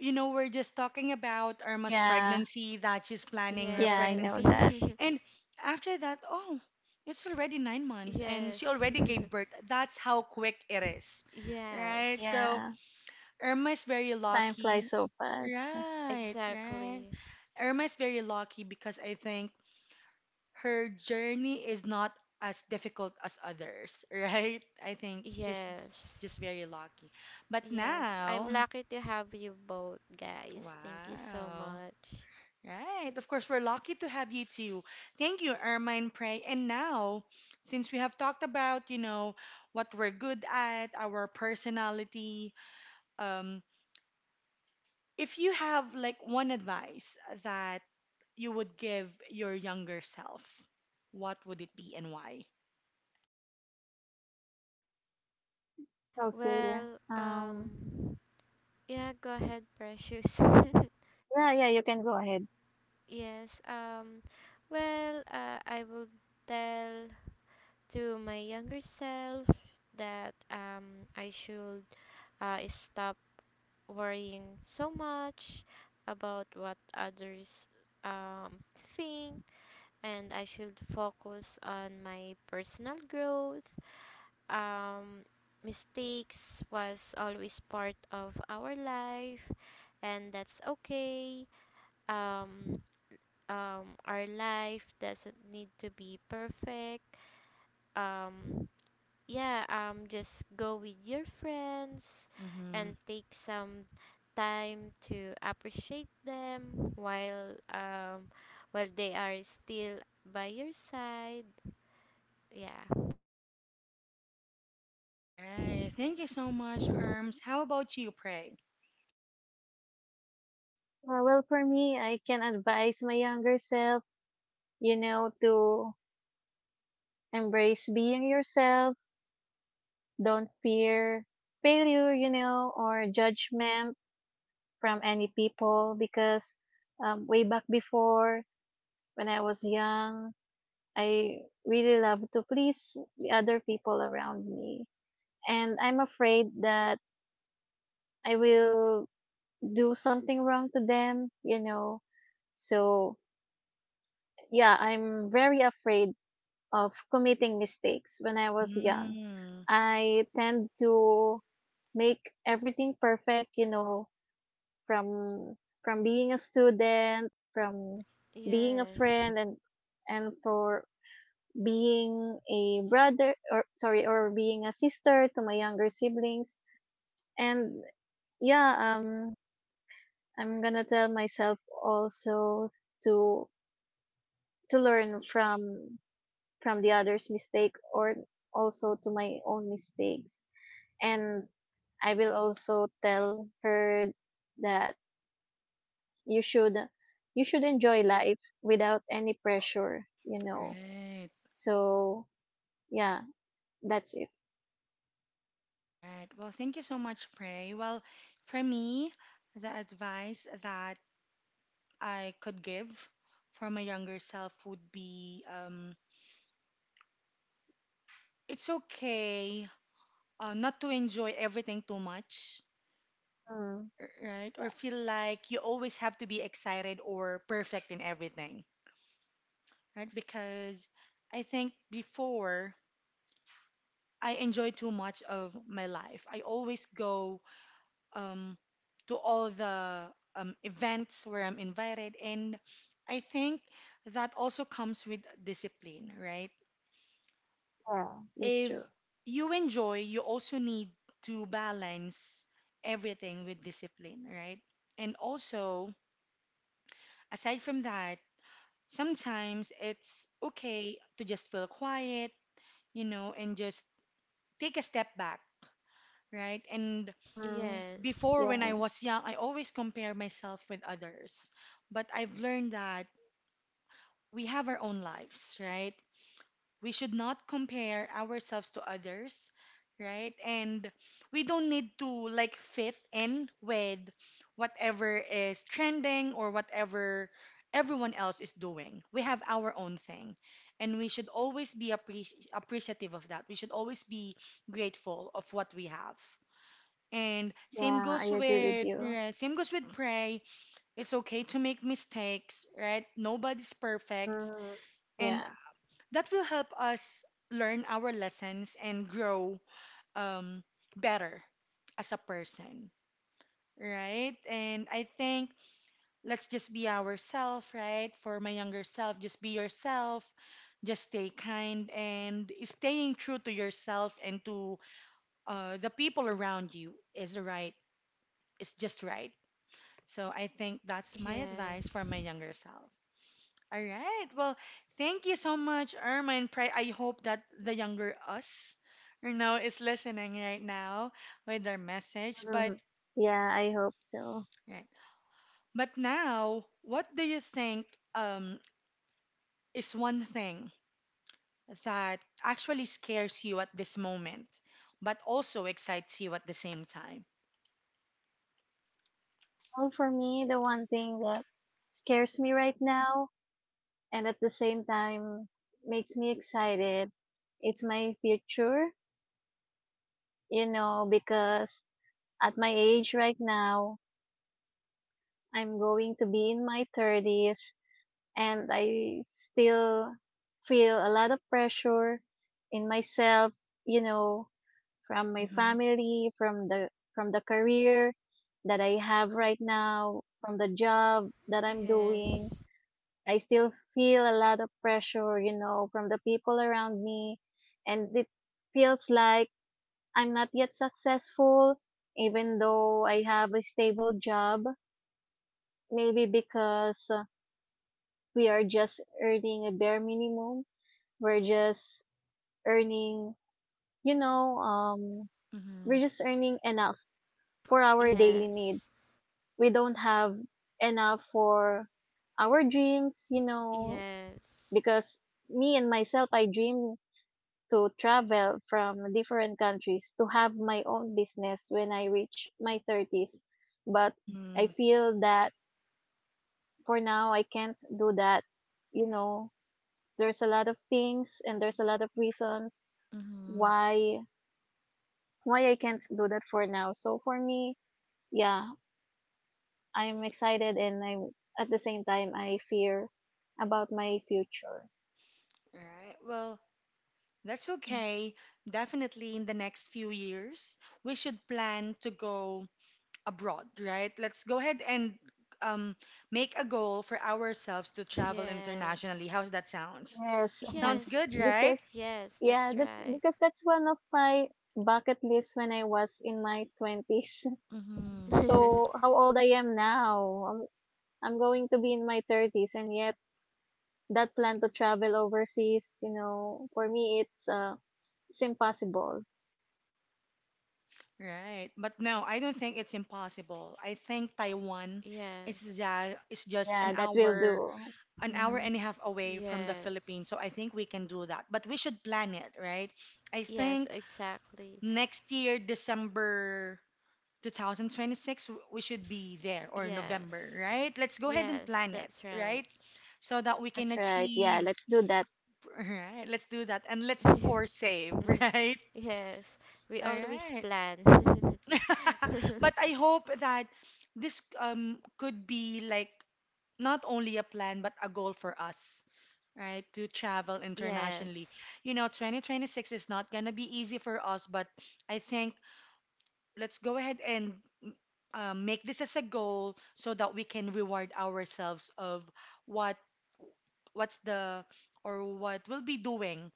You know, we're just talking about Irma's Yeah. pregnancy, that she's planning her Yeah, I yes, know pregnancy, that. and after that, oh, it's already nine (laughs) months, and she yes, already (laughs) gave birth. That's how quick it is, right? yes, So Yeah. Irma is very Time flies lucky, so fast. right? Right. exactly. Irma is very lucky because I think her journey is not as difficult as others, (laughs) right? I think she's Yes. she's just very lucky. But Yes, I'm now, lucky to have you both, guys. Thank you so wow. much. Right. Of course, we're lucky to have you too. Thank you, Ermine Prey. And now, since we have talked about, you know, what we're good at, our personality, um, if you have like one advice that you would give your younger self, what would it be and why? Okay. Well, Um um, yeah, go ahead, Precious. yeah, yeah, you can go ahead. (laughs) Yes, um, well, uh, I will tell to my younger self that, um, I should, uh, stop worrying so much about what others, um, think, and I should focus on my personal growth. um, Mistakes was always part of our life, and that's okay. Um, um, our life doesn't need to be perfect. Um, yeah, um, just go with your friends Mm-hmm. and take some time to appreciate them while, um, while they are still by your side. Yeah. Right. Thank you so much, Arms. How about you, Pray? Uh, well, for me, I can advise my younger self, you know, to embrace being yourself. Don't fear failure, you know, or judgment from any people, because um, way back before, when I was young, I really loved to please the other people around me. And I'm afraid that I will do something wrong to them, you know. So, yeah, I'm very afraid of committing mistakes when I was young. Mm, I tend to make everything perfect, you know, from from being a student, from being a Yes. friend and and for being a brother or sorry or being a sister to my younger siblings. And yeah, um I'm gonna tell myself also to to learn from from the others' mistake or also to my own mistakes. And I will also tell her that you should you should enjoy life without any pressure, you know. right, So yeah, that's it. right. Well, thank you so much, Pray. Well, for me, the advice that I could give for my younger self would be um, it's okay uh, not to enjoy everything too much, Mm, r- right? Or yeah, feel like you always have to be excited or perfect in everything, right? Because I think before, I enjoy too much of my life. I always go um, to all the um, events where I'm invited, and I think that also comes with discipline, right? yeah, that's If true. you enjoy, you also need to balance everything with discipline, right? And also, aside from that, sometimes it's okay to just feel quiet, you know, and just take a step back, right? And Mm, Yes. before, when I yeah, was young, I always compare myself with others. But I've learned that we have our own lives, right? We should not compare ourselves to others, right? And we don't need to like fit in with whatever is trending or whatever everyone else is doing. We have our own thing. And we should always be appreci- appreciative of that. We should always be grateful of what we have. And same yeah, I goes agree with with you. uh, same goes with Pray. It's okay to make mistakes, right? Nobody's perfect, Mm, and yeah, that will help us learn our lessons and grow um, better as a person, right? And I think let's just be ourselves, right? For my younger self, just be yourself, just stay kind, and staying true to yourself and to uh, the people around you is right. It's just right. So I think that's my advice for my Yes, younger self. All right. Well, thank you so much, Irma and Pray. I hope that the younger us, you know, is listening right now with their message. But mm, yeah, I hope so. right. But now, what do you think um, is one thing that actually scares you at this moment, but also excites you at the same time? Well, for me, the one thing that scares me right now and at the same time makes me excited, it's my future, you know, because at my age right now, I'm going to be in my thirties and I still feel a lot of pressure in myself, you know, from my Mm-hmm. family, from the from the career that I have right now, from the job that I'm doing. yes, I still feel a lot of pressure, you know, from the people around me. And it feels like I'm not yet successful, even though I have a stable job. Maybe because uh, we are just earning a bare minimum. We're just earning, you know, um, Mm-hmm. we're just earning enough for our daily yes, needs. We don't have enough for our dreams, you know, yes, because me and myself, I dream to travel from different countries to have my own business when I reach my thirties. But I Mm-hmm. feel that for now, I can't do that. You know, there's a lot of things and there's a lot of reasons Mm-hmm. why why I can't do that for now. So for me, yeah, I'm excited and I'm at the same time I fear about my future. All right. Well. That's okay. Definitely in the next few years, we should plan to go abroad, right? Let's go ahead and um, make a goal for ourselves to travel internationally. yes, How's that sounds? Yes, and Sounds yes, good, right? because yes, yeah, that's that's right. because that's one of my bucket lists when I was in my twenties. (laughs) Hmm. (laughs) So how old I am now? I'm, I'm going to be in my thirties and yet that plan to travel overseas, you know, for me it's uh it's impossible. Right. But no, I don't think it's impossible. I think Taiwan is Yes, just, is just an Yeah, that will hour, do. an hour Mhm. and a half away from the Philippines. yes, So I think we can do that. But we should plan it, right? I yes, think exactly. next year, December two thousand twenty-six, w- we should be there or November, Yes, right? Let's go ahead and yes, plan it, that's right. right? So that we can That's right. Yeah, achieve, let's do that. (laughs) right? Let's do that. And let's, of course, save, (laughs) right? (laughs) Yes, we All always right. plan. (laughs) (laughs) But I hope that this um could be like not only a plan but a goal for us, right? To travel internationally. Yes, You know, twenty twenty-six is not gonna be easy for us, but I think let's go ahead and uh, make this as a goal so that we can reward ourselves of what what's the or what we'll be doing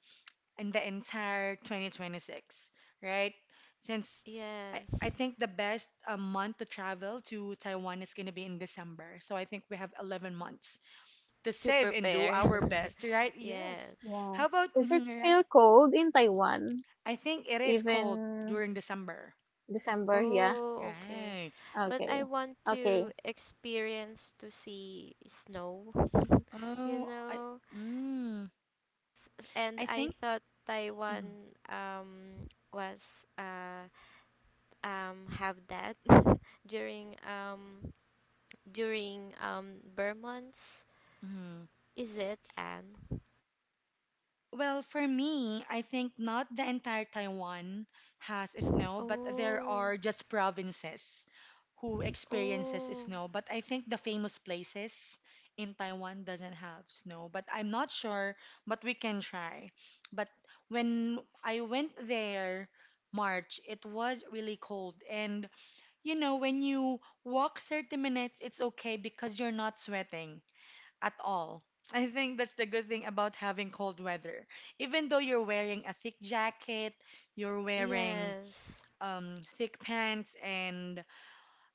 in the entire twenty twenty-six, right? Since I, I yes, think the best uh, month to travel to Taiwan is going to be in December. So I think we have eleven months to to save and do prepare. our best, right? (laughs) Yes. Yes. Yeah. How about, (laughs) Is mhm, it right? still cold in Taiwan I think it is cold even during December. December? Yeah. Oh, okay. Right. But I Okay. want to Okay. experience to see snow, (laughs) you Oh, I know. mm, And I I think thought mm, Taiwan um was uh um have that (laughs) during um during um Burr months. mm. Is it, Anne? Well, for me, I think not the entire Taiwan has snow, but there Oh. are just provinces who experiences Oh. snow. But I think the famous places in Taiwan doesn't have snow, but I'm not sure, but we can try. But when I went there March, it was really cold and you know, when you walk thirty minutes, it's okay because you're not sweating at all. I think that's the good thing about having cold weather. Even though you're wearing a thick jacket, you're wearing Yes. um, thick pants and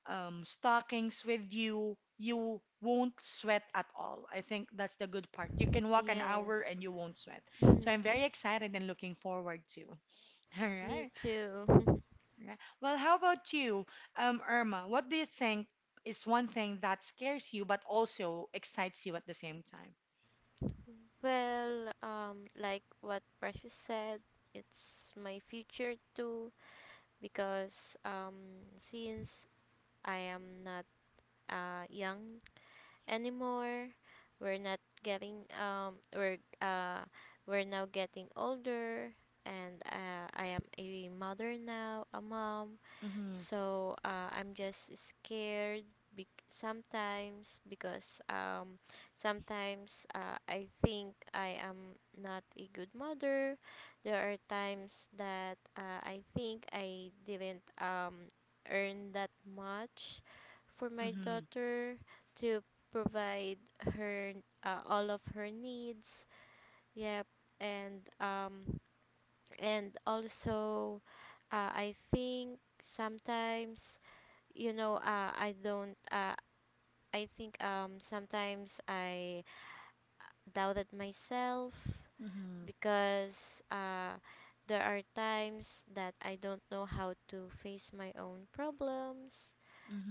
um, stockings with you, you won't sweat at all. I think that's the good part. You can walk an hour Yes. and you won't sweat. (laughs) So I'm very excited and looking forward to. (laughs) All Me right. too. (laughs) All right. Well, how about you, um, Irma? What do you think is one thing that scares you but also excites you at the same Well, um, like what Precious said, it's my future too because, um, since I am not, uh, young anymore, we're not getting um, we're uh, we're now getting older, and uh, I am a mother now, a mom, time? so uh, I'm just scared bec sometimes because, um, sometimes, uh, I think I am not a good mother. There are times that, uh, I think I didn't, um, earn that much for my Mm-hmm. daughter to provide her, uh, all of her needs. Yep, and um, and also, uh, I think sometimes you know, uh, I don't. Uh, I think, um, sometimes I doubted myself Mm-hmm. because, uh, there are times that I don't know how to face my own problems.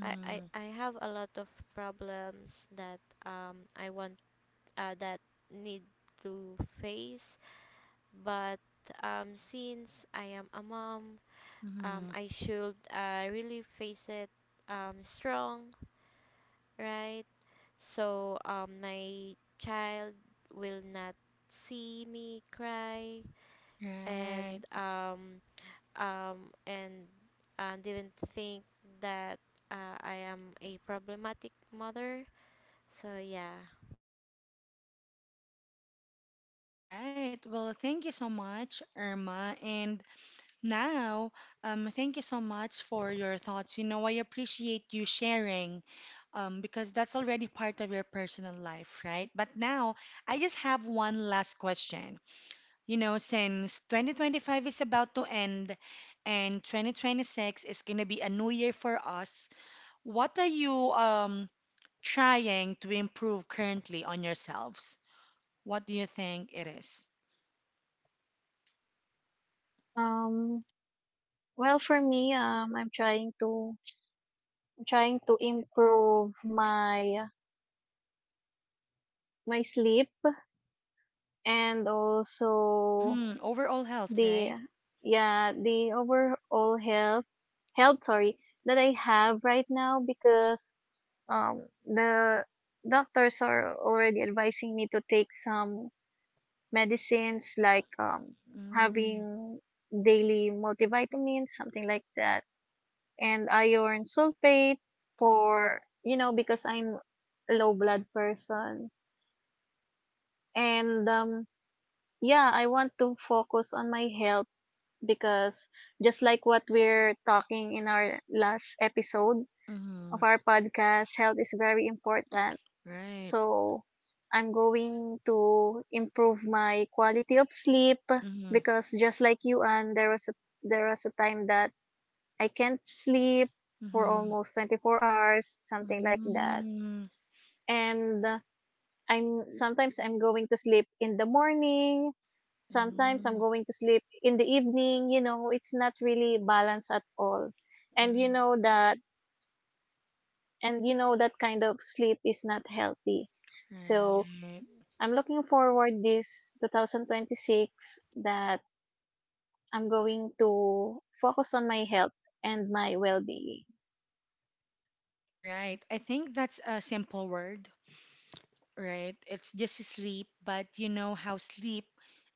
I, I, I have a lot of problems that, um, I want uh, that need to face, but, um, since I am a mom, um, Mm-hmm. I should, uh, really face it, um, strong, right? So um, my child will not see me cry, and Right. um, um, and uh, didn't think that, uh, I am a problematic mother. So yeah. Right. Well, thank you so much, Irma. And now, um, thank you so much for your thoughts. You know, I appreciate you sharing, um, because that's already part of your personal life, right? But now, I just have one last question. You know, since twenty twenty-five is about to end and twenty twenty-six is going to be a new year for us, what are you, um, trying to improve currently on yourselves? What do you think it is? Um Well, for me, um, I'm trying to I'm trying to improve my my sleep and also Mm-hmm. Overall health, the right? yeah the overall health health sorry that I have right now because um the doctors are already advising me to take some medicines like um Mm, having daily multivitamins, something like that, and iron sulfate for you know because I'm a low blood person. And um yeah, I want to focus on my health because just like what we're talking in our last episode mm-hmm. of our podcast, health is very important. Right. So I'm going to improve my quality of sleep Mm-hmm. because just like you, and there was a there was a time that I can't sleep for Mm-hmm. almost twenty-four hours, something like that. Mm-hmm. And uh, I'm sometimes I'm going to sleep in the morning, sometimes I'm Mm-hmm. going to sleep in the evening, you know, it's not really balanced at all. And you know that and you know that kind of sleep is not healthy. So, Right. I'm looking forward this twenty twenty-six that I'm going to focus on my health and my well-being. Right. I think that's a simple word, right? It's just sleep, but you know how sleep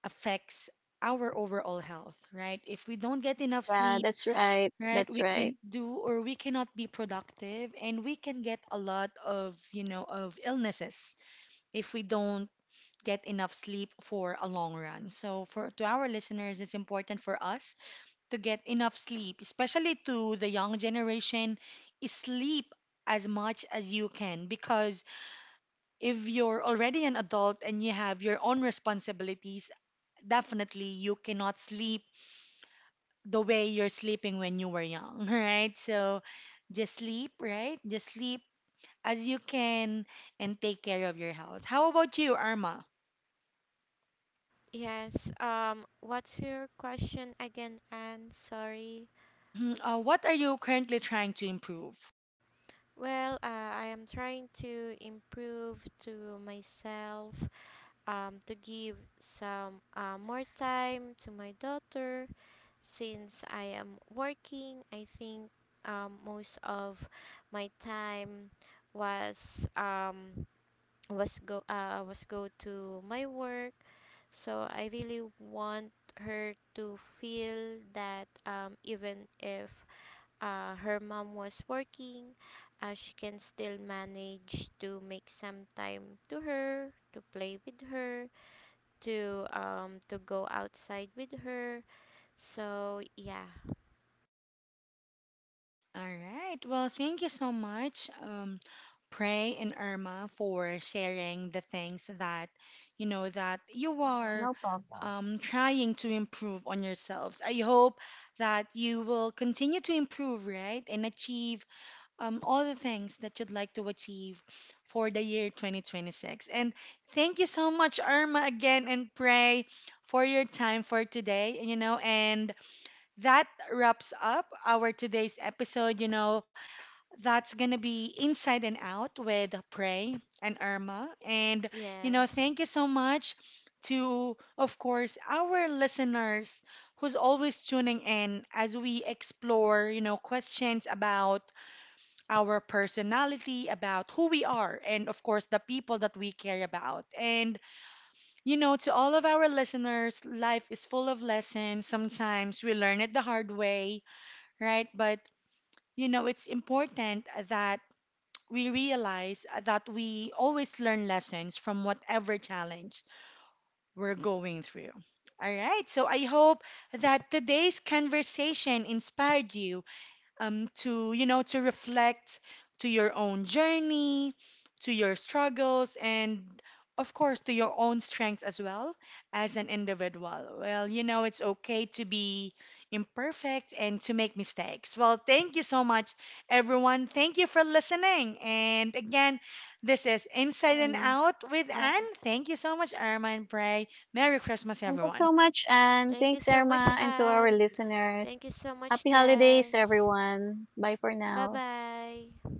affects our overall health, right? If we don't get enough Yeah, sleep, that's right. right? That's We right. can do or we cannot be productive and we can get a lot of, you know, of illnesses if we don't get enough sleep for a long run. So for to our listeners, it's important for us to get enough sleep, especially to the young generation, sleep as much as you can because if you're already an adult and you have your own responsibilities, definitely you cannot sleep the way you're sleeping when you were young, (laughs) right? So just sleep, right? Just sleep as you can and take care of your health. How about you, Arma? Yes. Um. What's your question again, Anne? Sorry. Hmm Uh, what are you currently trying to improve? Well, uh, I am trying to improve to myself, um, to give some, uh, more time to my daughter. Since I am working, I think, um, most of my time was, um, was go uh, was go to my work. So I really want her to feel that, um, even if, uh, her mom was working, uh, she can still manage to make some time to her, to play with her, to, um, to go outside with her. So yeah, All right. Well, thank you so much, um, Pray and Irma, for sharing the things that you know that you are um, trying to improve on yourselves. I hope that you will continue to improve, right, and achieve um, all the things that you'd like to achieve for the year twenty twenty-six. And thank you so much, Irma, again, and Pray for your time for today. You know, and that wraps up our today's episode. You know, that's going to be Inside and Out with Pray and Irma. And, you know, yes. thank you so much to, of course, our listeners who's always tuning in as we explore, you know, questions about our personality, about who we are, and of course, the people that we care about. And, you know, to all of our listeners, life is full of lessons. Sometimes we learn it the hard way, right? But, you know, it's important that we realize that we always learn lessons from whatever challenge we're going through. All right, so I hope that today's conversation inspired you um, to you know to reflect to your own journey, to your struggles, and of course to your own strength as well as an individual. Well, you know it's okay to be imperfect and to make mistakes. Well, thank you so much, everyone. Thank you for listening. And again, this is Inside and Mhm. Out with Yeah. Anne. Thank you so much, Irma and Pray. Merry Christmas, Thank you everyone. so much. And Thank you thanks, so much, Irma, and to our Anne. Thank listeners. you so much, Happy holidays, guys. everyone. Bye for Bye now. bye.